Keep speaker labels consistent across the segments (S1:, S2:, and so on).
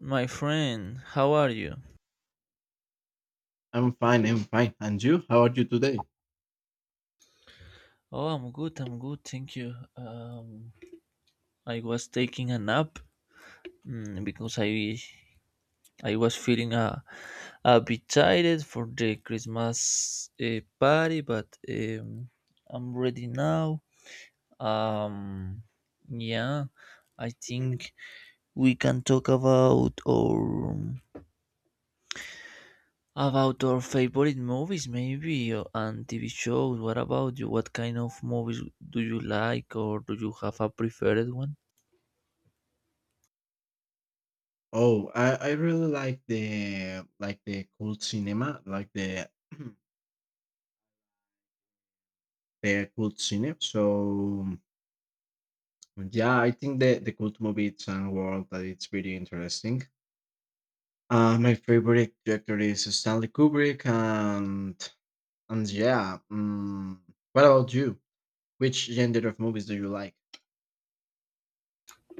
S1: My friend, how are you?
S2: I'm fine. I'm fine. And you? How are you today?
S1: Oh, I'm good. I'm good. Thank you. I was taking a nap because I was feeling a bit tired for the Christmas party, but I'm ready now. Um, yeah, I think we can talk about our About our favorite movies, maybe, and TV shows. What about you? What kind of movies do you like, or do you have a preferred one?
S2: Oh, I really like the cult cinema, like the the cult cinema. So yeah, I think the cult movie it's a world that it's pretty interesting. My favorite director is Stanley Kubrick, and yeah. What about you? Which gender of movies do you like?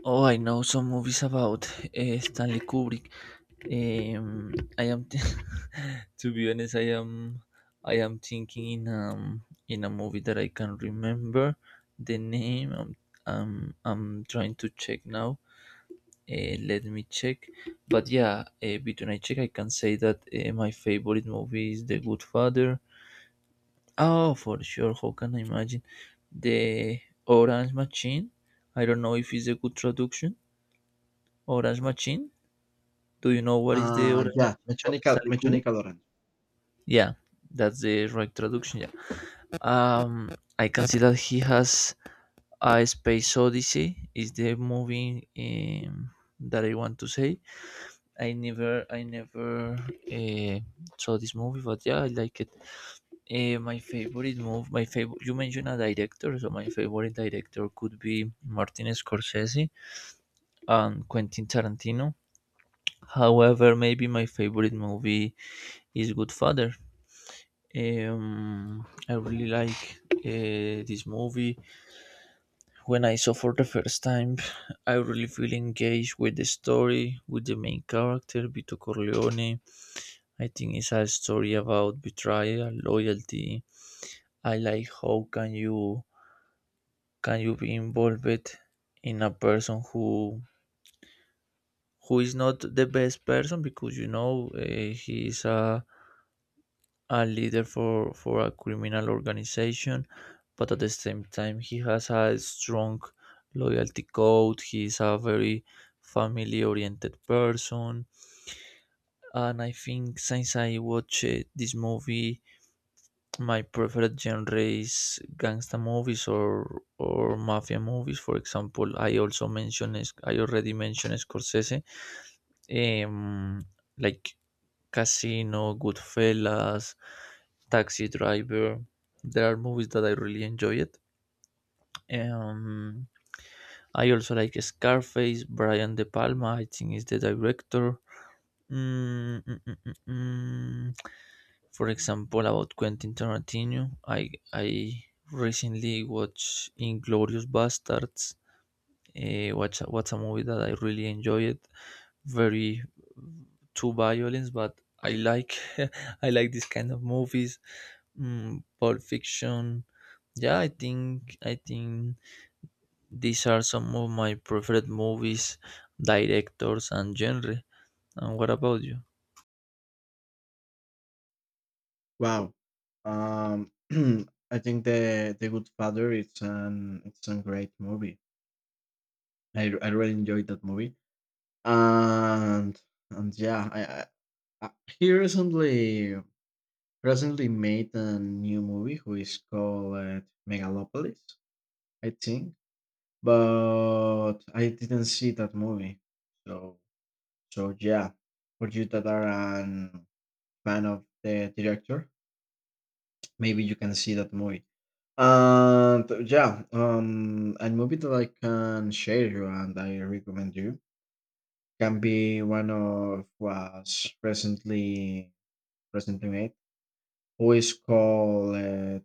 S1: Oh, I know some movies about Stanley Kubrick. Um, I am, th- to be honest, I am thinking in in a movie that I can remember the name. I'm trying to check now. Let me check. But yeah, between I check, I can say that my favorite movie is The Good Father. Oh, for sure. How can I imagine? The Orange Machine. I don't know if it's a good traduction. Orange Machine. Do you know what is the Orange
S2: Yeah,
S1: Machine from
S2: Mechanical
S1: Stanley Kubrick?
S2: Mechanical Orange.
S1: Yeah, that's the right traduction. Yeah. Um, I can see that he has a Space Odyssey. Is the movie um, that I want to say. I never saw this movie, but yeah, I like it. My favorite movie, my favorite. You mentioned a director, so my favorite director could be Martin Scorsese and Quentin Tarantino. However, maybe my favorite movie is Goodfather. I really like this movie. When I saw for the first time, I really feel engaged with the story, with the main character Vito Corleone. I think it's a story about betrayal, loyalty. I like how can you be involved in a person who is not the best person because you know he is a leader for a criminal organization, but at the same time he has a strong loyalty code. He is a very family oriented person, and I think since I watched this movie my preferred genre is gangsta movies or mafia movies. For example, I already mentioned Scorsese, um, like Casino, Goodfellas, Taxi Driver. There are movies that I really enjoyed. Um, I also like Scarface, Brian De Palma. I think is the director. Mm, mm, mm, mm, mm. For example, about Quentin Tarantino, I recently watched Inglorious Bastards. What's a movie that I really enjoyed. Very too violence, but I like I like this kind of movies. Pulp Fiction. Yeah, I think these are some of my preferred movies, directors and genre. And what about you?
S2: Wow. Um, I think the Good Father it's an it's a great movie. I really enjoyed that movie. And and yeah, I he recently made a new movie who is called Megalopolis, I think. But I didn't see that movie. So so yeah, for you that are an fan of the director, maybe you can see that movie. And yeah, a movie that I can share you and I recommend you can be one of was recently made. Who is called it?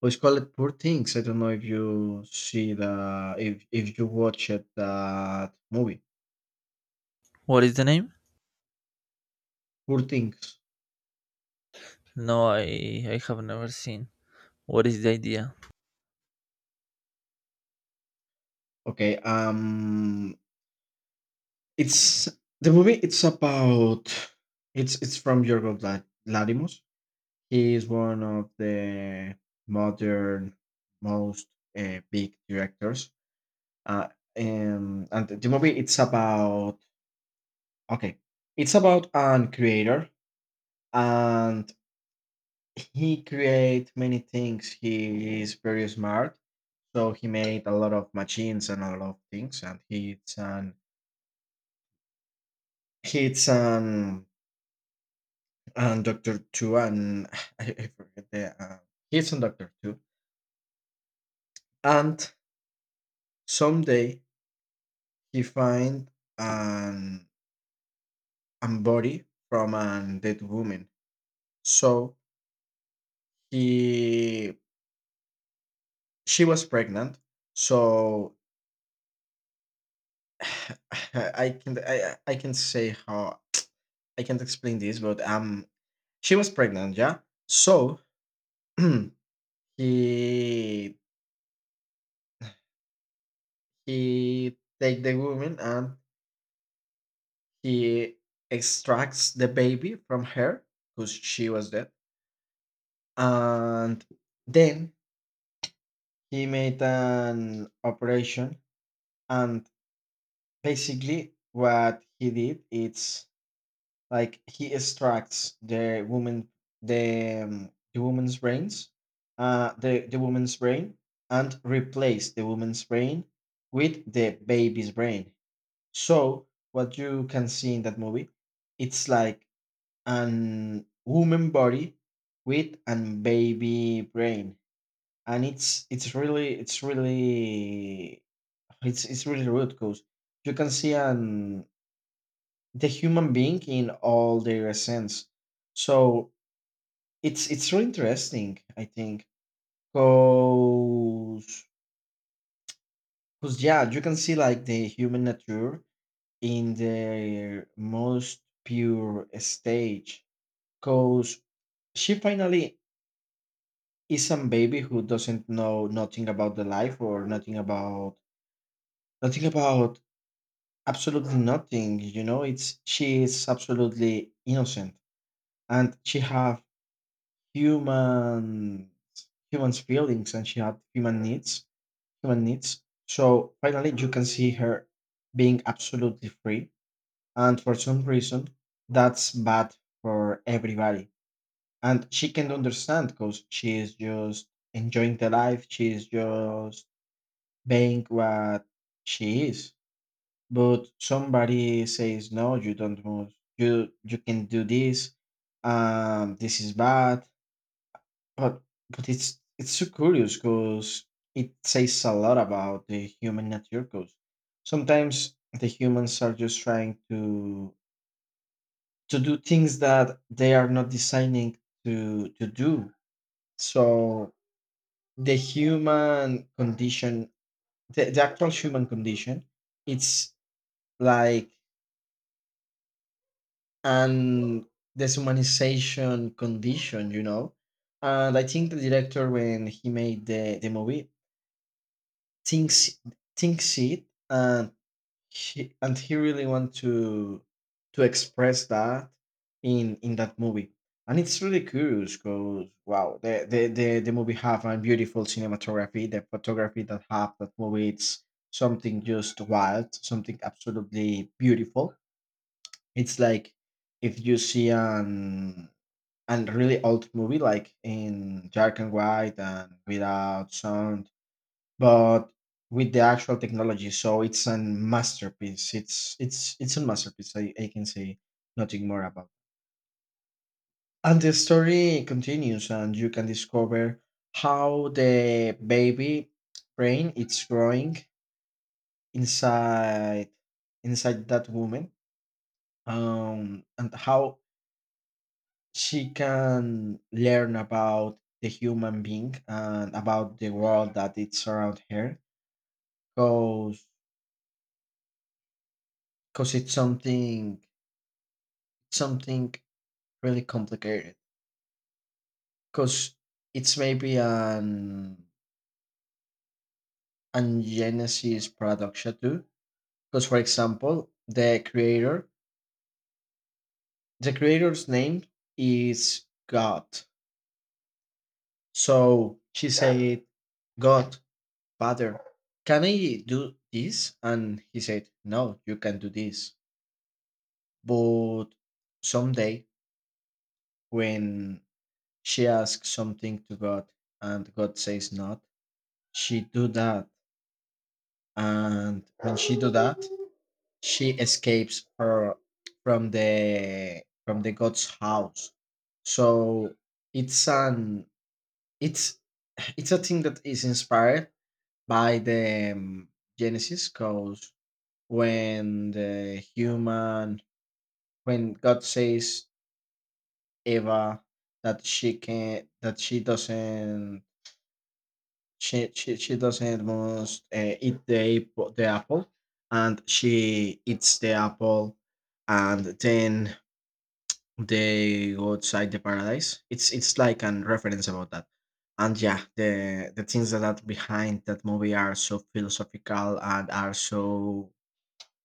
S2: Who is called it? Poor Things. I don't know if you see the if you watch it that movie.
S1: What is the name?
S2: Poor Things.
S1: No, I I have never seen. What is the idea?
S2: Okay. It's the movie. It's about it's from Yorgos Lanthimos. He is one of the modern most big directors. Uh, and the movie it's about okay, it's about an creator, and he create many things. He is very smart, so he made a lot of machines and a lot of things. And he's an and doctor too, and I forget the he's a doctor too. And someday he finds an a body from a dead woman. So he she was pregnant. So I can I can say how I can't explain this, but she was pregnant, yeah. So he he take the woman and he extracts the baby from her because she was dead and then he made an operation and basically what he did it's like he extracts the woman the woman's brains the woman's brain and replace the woman's brain with the baby's brain, so what you can see in that movie it's like an woman body with an baby brain and it's really it's really rude because you can see an the human being in all their essence. So it's really interesting, I think, because yeah, you can see like the human nature in their most pure stage. Cause she finally is a baby who doesn't know nothing about the life or nothing about nothing about absolutely nothing. You know, it's she is absolutely innocent and she have human human's feelings and she had human needs so finally you can see her being absolutely free and for some reason that's bad for everybody and she can understand because she is just enjoying the life, she is just being what she is but somebody says no you don't move you can do this. This is bad. But but it's so curious because it says a lot about the human nature. Because sometimes the humans are just trying to do things that they are not designing to do. So the human condition, the actual human condition, it's like an deshumanization condition, you know. And I think the director, when he made the movie, thinks thinks it and he really want to express that in that movie, and it's really curious because wow the movie have a beautiful cinematography, the photography that have that movie it's something just wild, something absolutely beautiful. It's like if you see an really old movie like in dark and white and without sound but with the actual technology. So it's a masterpiece. It's a masterpiece. I can say nothing more about. And the story continues, and you can discover how the baby brain it's growing inside inside that woman, and how she can learn about the human being and about the world that it's around her. Because because it's something something really complicated, because it's maybe an Genesis production too. Because for example, the creator, the creator's name is God. So she said, "God, Father, can I do this?" And he said, "No, you can do this." But someday, when she asks something to God and God says not, she do that, and when she do that she escapes her from the god's house. So it's an it's it's a thing that is inspired by the genesis, because when the human when god says Eva that she can that she doesn't she doesn't must eat the apple, and she eats the apple, and then they go outside the paradise. It's like an reference about that, and yeah, the things that are behind that movie are so philosophical and are so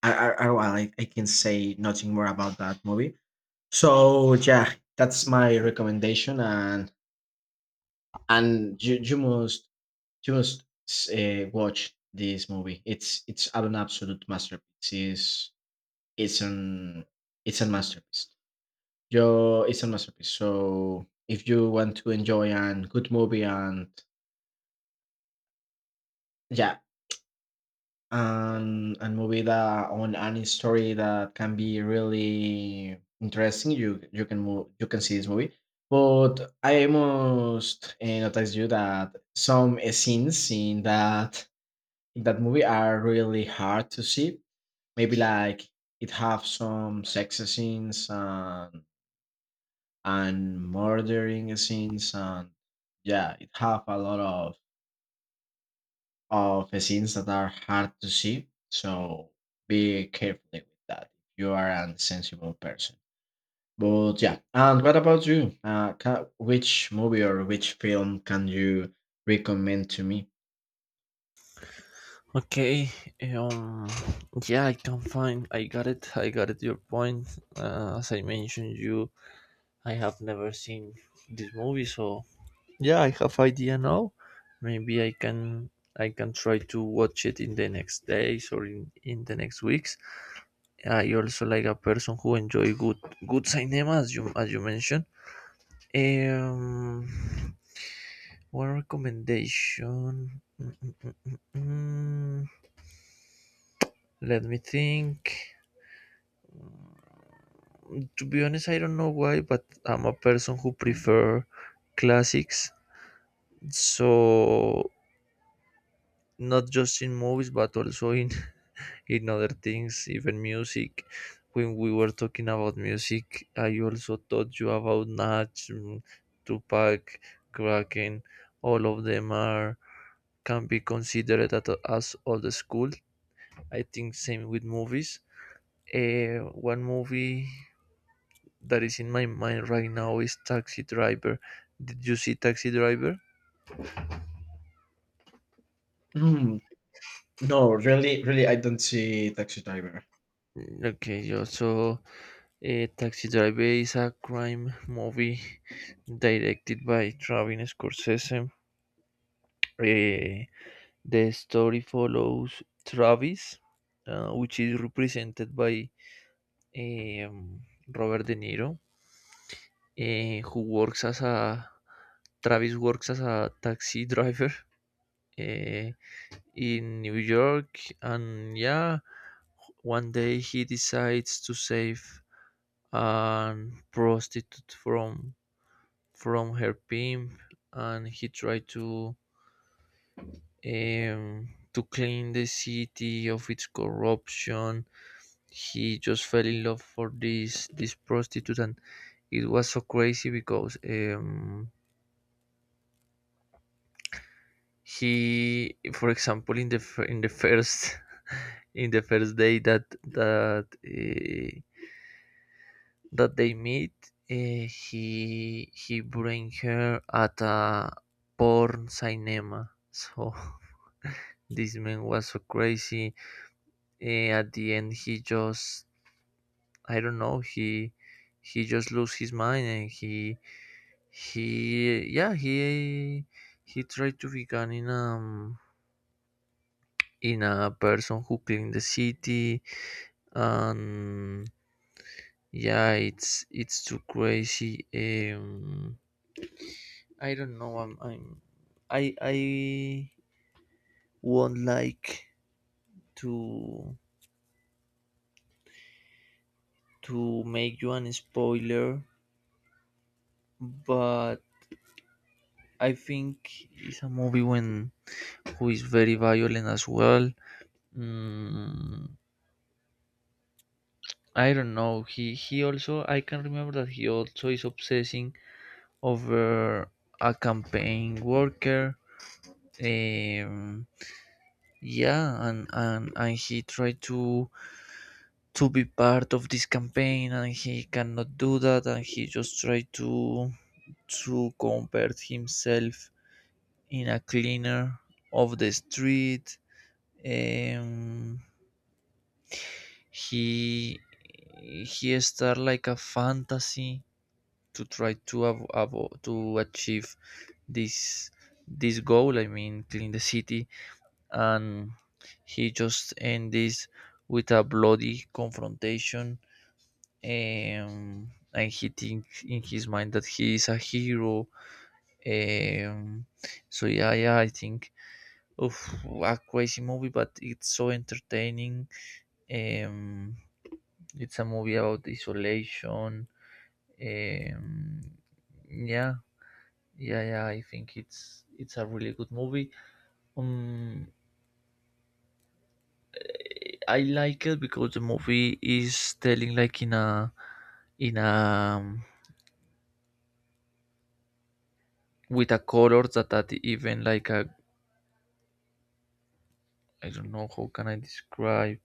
S2: well, I can say nothing more about that movie. So yeah, that's my recommendation, and you must just watch this movie. It's an absolute masterpiece. It's an it's a masterpiece. Yo, it's a masterpiece. So if you want to enjoy an good movie and yeah, and movie that on any story that can be really interesting, you can move you can see this movie. But I must notice you that some scenes in that movie are really hard to see. Maybe like it have some sex scenes and murdering scenes and yeah, it have a lot of scenes that are hard to see. So be careful with that if you are a sensible person. But yeah, and what about you? Which movie or which film can you recommend to me?
S1: Okay, um, yeah, I can find. I got it. I got it. Your point. As I mentioned, you, I have never seen this movie, so yeah, I have idea now. Maybe I can, I can try to watch it in the next days or in the next weeks. I also like a person who enjoy good cinema, as you mentioned. Um, One recommendation. Mm, mm, Let me think. To be honest, I don't know why, but I'm a person who prefer classics. So not just in movies, but also in in other things, even music. When we were talking about music, I also taught you about Nach, Tupac, Kraken. All of them are can be considered as old school. I think same with movies. Uh, One movie that is in my mind right now is Taxi Driver. Did you see Taxi Driver?
S2: Hmm, no, really, really, I don't see Taxi Driver.
S1: Okay, yeah, so Taxi Driver is a crime movie directed by Travis Scorsese. Eh, the story follows Travis, which is represented by eh, um, Robert De Niro, who works as a Travis works as a taxi driver. eh, in New York. And yeah, one day he decides to save a prostitute from her pimp, and he tried to clean the city of its corruption. He just fell in love for this prostitute, and it was so crazy because he, for example, in the first in the first day that they meet, he bring her at a porn cinema. So this man was so crazy. At the end, he just I don't know. He just lost his mind and he yeah he tried to become in a person who cleaned the city and yeah, it's too crazy. I don't know. I won't like to to make you an spoiler, but I think it's a movie when who is very violent as well. Mm, I don't know. He also I can remember that he also is obsessing over a campaign worker. Um, yeah, and and he tried to be part of this campaign and he cannot do that and he just try to convert himself in a cleaner of the street. um, he he start like a fantasy to try to to achieve this this goal, I mean, clean the city, and he just ends this with a bloody confrontation and he thinks in his mind that he is a hero. Um, so yeah, yeah, I think of a crazy movie, but it's so entertaining. Um, it's a movie about isolation. Um, yeah, yeah. I think it's a really good movie. Um, I like it because the movie is telling like in a with a color that even like a I don't know how can I describe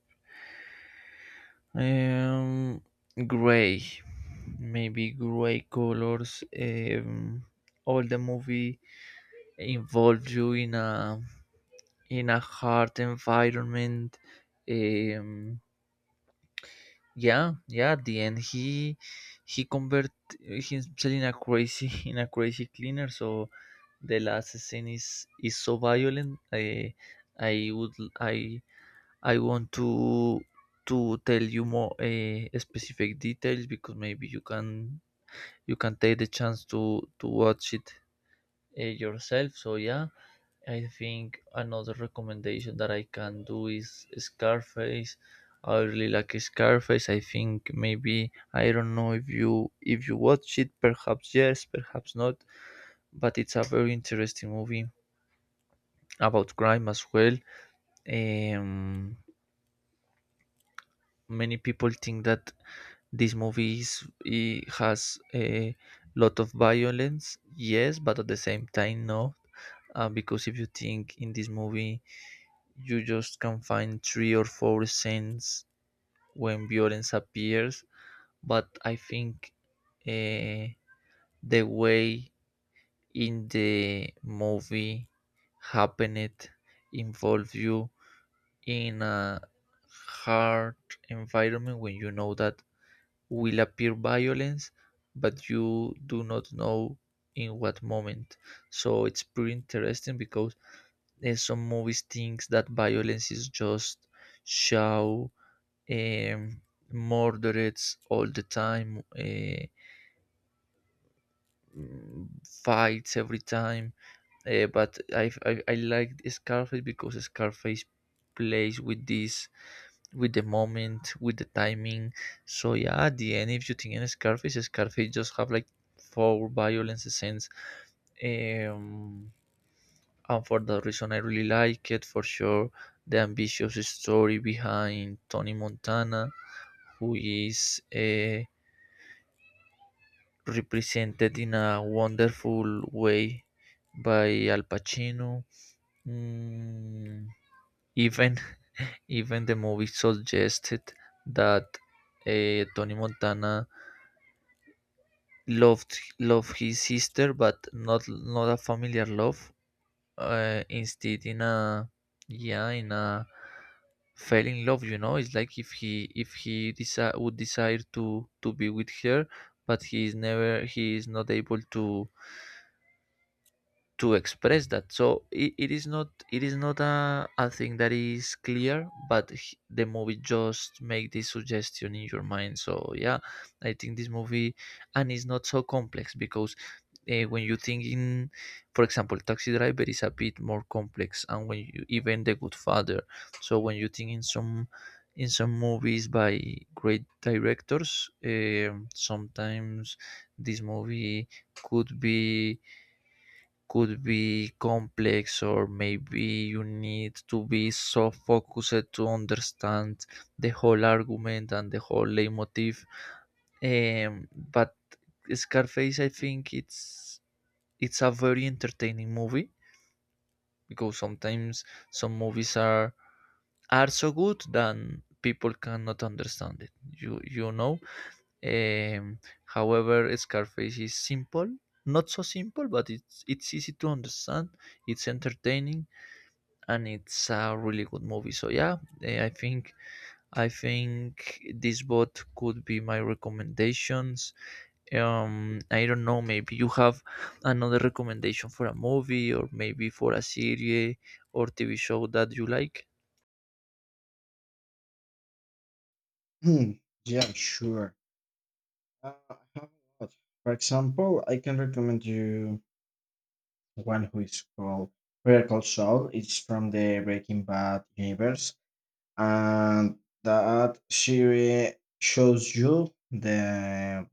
S1: um gray, maybe gray colors. All the movie involves you in a hard environment. um yeah, yeah, at the end he convert himself in a crazy in a crazy cleaner. So the last scene is so violent. I would I I want to tell you more specific details because maybe you can take the chance to watch it yourself. So yeah, I think another recommendation that I can do is Scarface. I really like Scarface. I think maybe I don't know if you watch it, perhaps yes, perhaps not. But it's a very interesting movie about crime as well. Um, Many people think that this movie is, it has a lot of violence, yes, but at the same time, no. Because if you think in this movie, you just can find three or four scenes when violence appears, but I think uh, the way in the movie happened involve you in a hard environment when you know that will appear violence, but you do not know in what moment. So it's pretty interesting because some movies thinks that violence is just show um, murders all the time, fights every time. But I like Scarface because Scarface plays with this with the moment, with the timing. So yeah, at the end, if you think in Scarface, Scarface just have like four violence scenes, um, and for that reason, I really like it for sure. The ambitious story behind Tony Montana, who is represented in a wonderful way by Al Pacino. Mm, Even even the movie suggested that Tony Montana love his sister but not a familiar love instead in a yeah in a fell in love, you know, it's like if he would desire to be with her but he is not able to express that. So it is not a thing that is clear but the movie just make this suggestion in your mind. So yeah, I think this movie and it's not so complex because when you think in, for example, taxi driver is a bit more complex and when you even the good father, so when you think in some movies by great directors sometimes this movie could be could be complex or maybe you need to be so focused to understand the whole argument and the whole leitmotif. But scarface, I think it's a very entertaining movie because sometimes some movies are so good that people cannot understand it, you know. um, However, scarface is simple, not so simple, but it's easy to understand, it's entertaining, and it's a really good movie. So yeah, I think this both could be my recommendations. I don't know. Maybe you have another recommendation for a movie or maybe for a series or TV show that you like.
S2: Hmm, yeah, sure. I have a lot. For example, I can recommend you one who is called Vertical Soul. It's from the Breaking Bad universe, and that series shows you the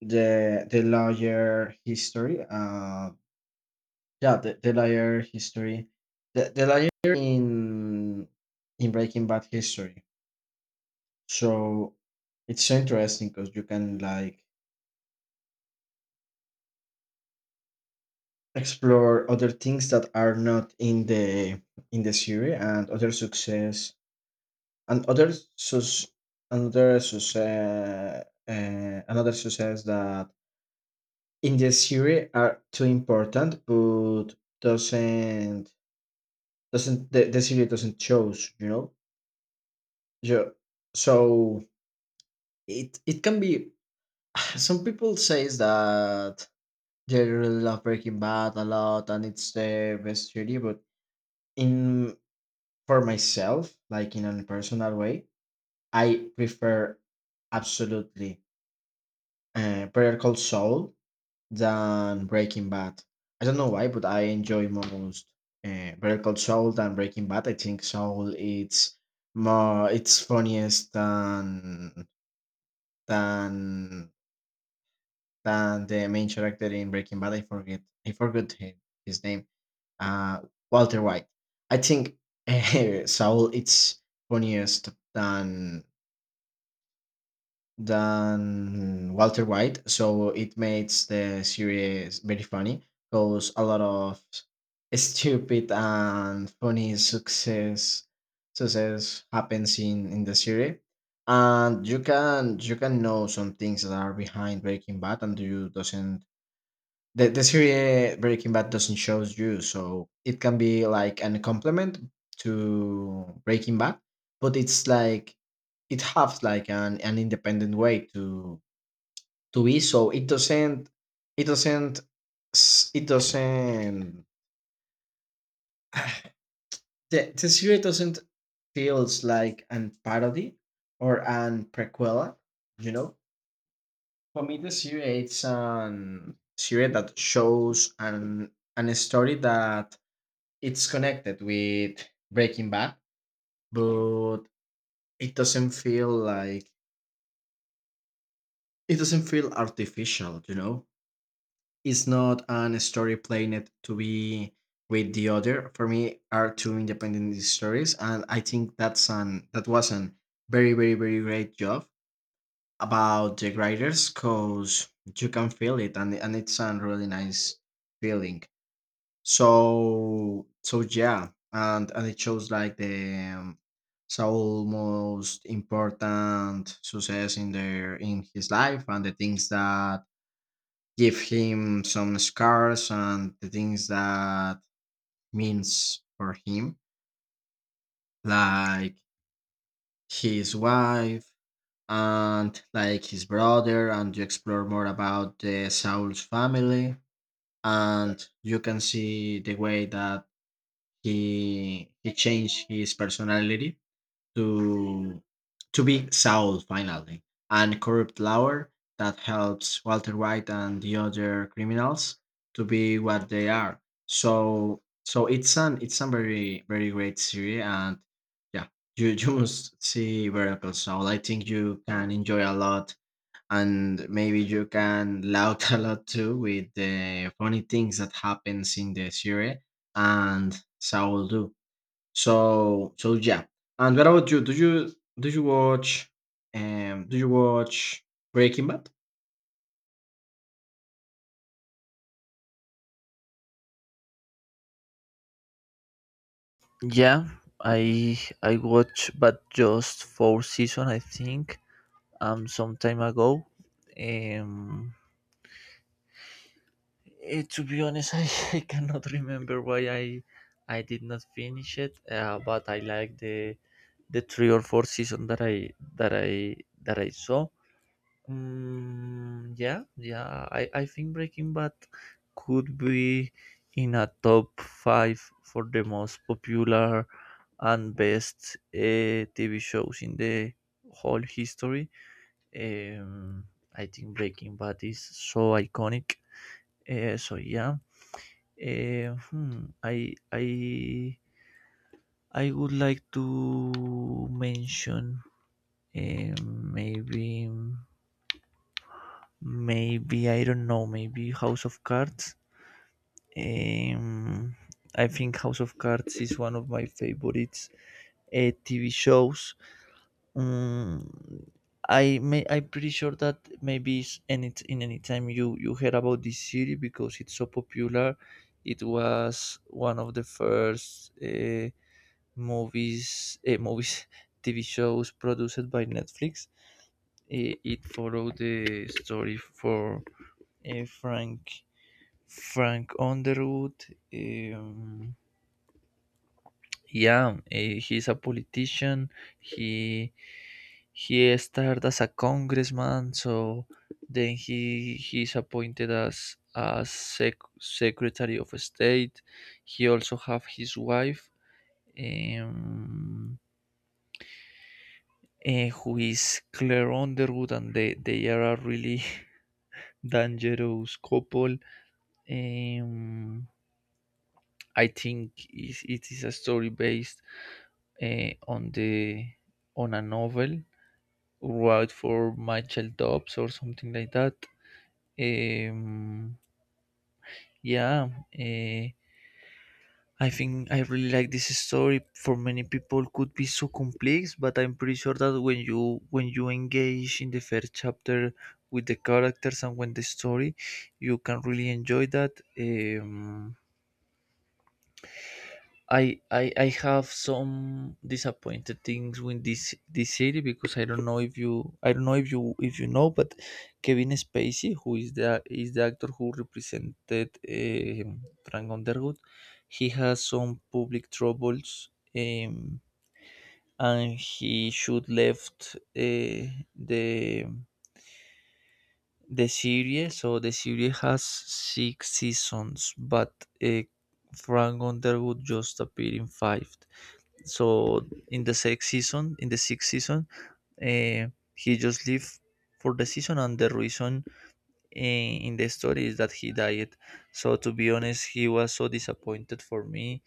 S2: the the lawyer history. Yeah, the lawyer history, the lawyer in Breaking Bad history. So it's so interesting because you can like explore other things that are not in the in the series and other success and other sus another success another success that in the series are too important but doesn't doesn't the series doesn't choose, you know. Ju- so it can be some people says that they really love Breaking Bad a lot and it's the best series, but in for myself, like in a personal way, I prefer absolutely Better Call Saul than Breaking Bad. I don't know why, but I enjoy most Better Call Saul than Breaking Bad. I think Saul it's more it's funniest than than the main character in Breaking Bad. I forgot him, his name. Uh, Walter White, I think. Saul it's funniest than Walter White, so it makes the series very funny because a lot of stupid and funny success happens in the series, and you can know some things that are behind Breaking Bad, and you doesn't the series Breaking Bad doesn't shows you, so it can be like an complement to Breaking Bad, but it's like it has like an independent way to be. So it doesn't it doesn't it doesn't the series doesn't feels like an parody or an prequel. You know, for me the series it's an series that shows an story that it's connected with Breaking Bad, but it doesn't feel like it doesn't feel artificial, you know? It's not an story planned to be with the other. For me, are two independent stories, and I think that's an that was an very great job about the writers, cause you can feel it, and it's a really nice feeling. So so yeah, and it shows like the Saul most important success in their in his life and the things that give him some scars and the things that means for him, like his wife and like his brother, and you explore more about the Saul's family and you can see the way that he changed his personality to to be Saul finally, and corrupt lawyer that helps Walter White and the other criminals to be what they are. So so it's an it's a very very great series and yeah you you must see Better Call Saul. I think you can enjoy a lot and maybe you can laugh a lot too with the funny things that happens in the series and so will do. So so yeah, and what about you, do you do you watch do you watch Breaking Bad?
S1: Yeah, I I watched but just four season I think some time ago. Um to be honest, I cannot remember why I did not finish it, but I like the three or four season that I that I that I saw. Yeah, yeah. I think Breaking Bad could be in a top five for the most popular and best TV shows in the whole history. Um, I think Breaking Bad is so iconic. So yeah, Eh, hmm, I I I would like to mention eh, maybe maybe I don't know maybe House of Cards. Um, I think House of Cards is one of my favorites TV shows. Um, I'm pretty sure that maybe in any time you heard about this series because it's so popular. It was one of the first. Movies, eh, movies, TV shows produced by Netflix. It followed the story for eh, Frank Frank Underwood. Um, yeah, he's a politician. He he started as a congressman, so then he's appointed as secretary of state. He also have his wife. Um, who is Claire Underwood, and they are a really dangerous couple. Um, I think it is a story based eh, on the on a novel wrote for Michael Dobbs or something like that. Um, yeah, I think I really like this story. For many people, could be so complex, but I'm pretty sure that when you engage in the first chapter with the characters and when the story, you can really enjoy that. Um, I have some disappointed things with this city because I don't know if you I don't know if you know, but Kevin Spacey who is the actor who represented Frank Underwood, he has some public troubles, um, and he should left the the series. So the series has six seasons, but uh, Frank Underwood just appeared in five. So in the sixth season, uh, he just lived for the season, and the reason in the story is that he died. So to be honest, he was so disappointed for me,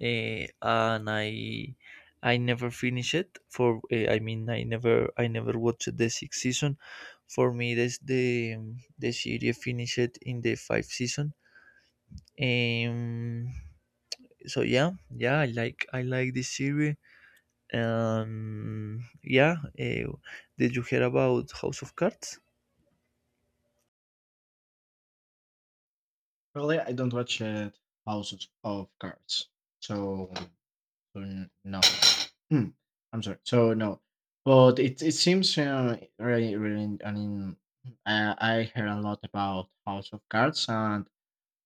S1: and I never finished it. For I mean, I never watched the sixth season. For me, this the series finished in the fifth season. Um, so yeah, yeah, I like this series. Yeah, did you hear about House of Cards?
S2: Really, I don't watch Houses of Cards, so, so no. Hmm, I'm sorry. So no, but it seems really really. I mean, I heard a lot about House of Cards, and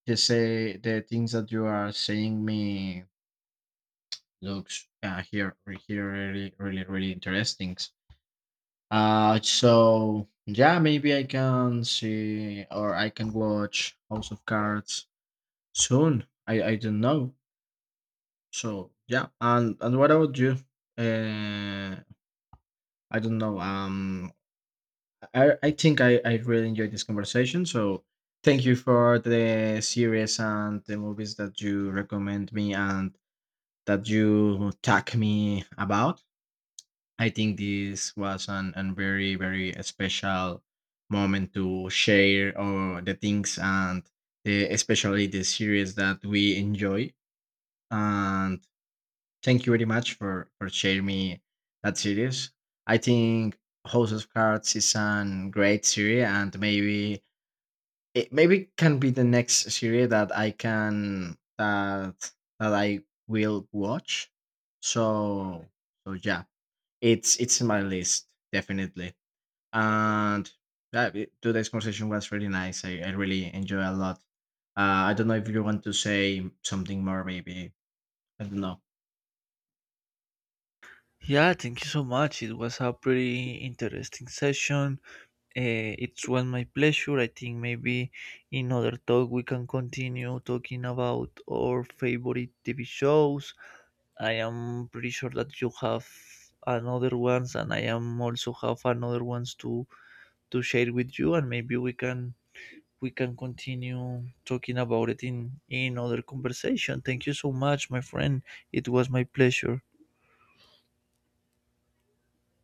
S2: you say the things that you are saying me looks here here really really really interesting. So yeah, maybe I can see or I can watch House of Cards soon. I don't know. So yeah, and what about you? Uh, I don't know. I think I really enjoyed this conversation. So thank you for the series and the movies that you recommend me and that you tag me about. I think this was an very, very special moment to share all the things and the, especially the series that we enjoy. And thank you very much for sharing me that series. I think House of Cards is a great series and maybe it maybe can be the next series that I can that that I will watch. So so yeah, it's in my list definitely. And yeah, today's conversation was really nice. I really enjoy a lot. I don't know if you want to say something more, maybe. I don't know.
S1: Yeah, thank you so much. It was a pretty interesting session. It was my pleasure. I think maybe in other talk we can continue talking about our favorite TV shows. I am pretty sure that you have another ones, and I am also have another ones to share with you, and maybe we can continue talking about it in other conversation. Thank you so much, my friend. It was my pleasure.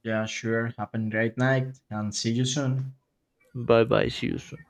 S2: Yeah, sure. Have a great night and see you soon.
S1: Bye bye. See you soon.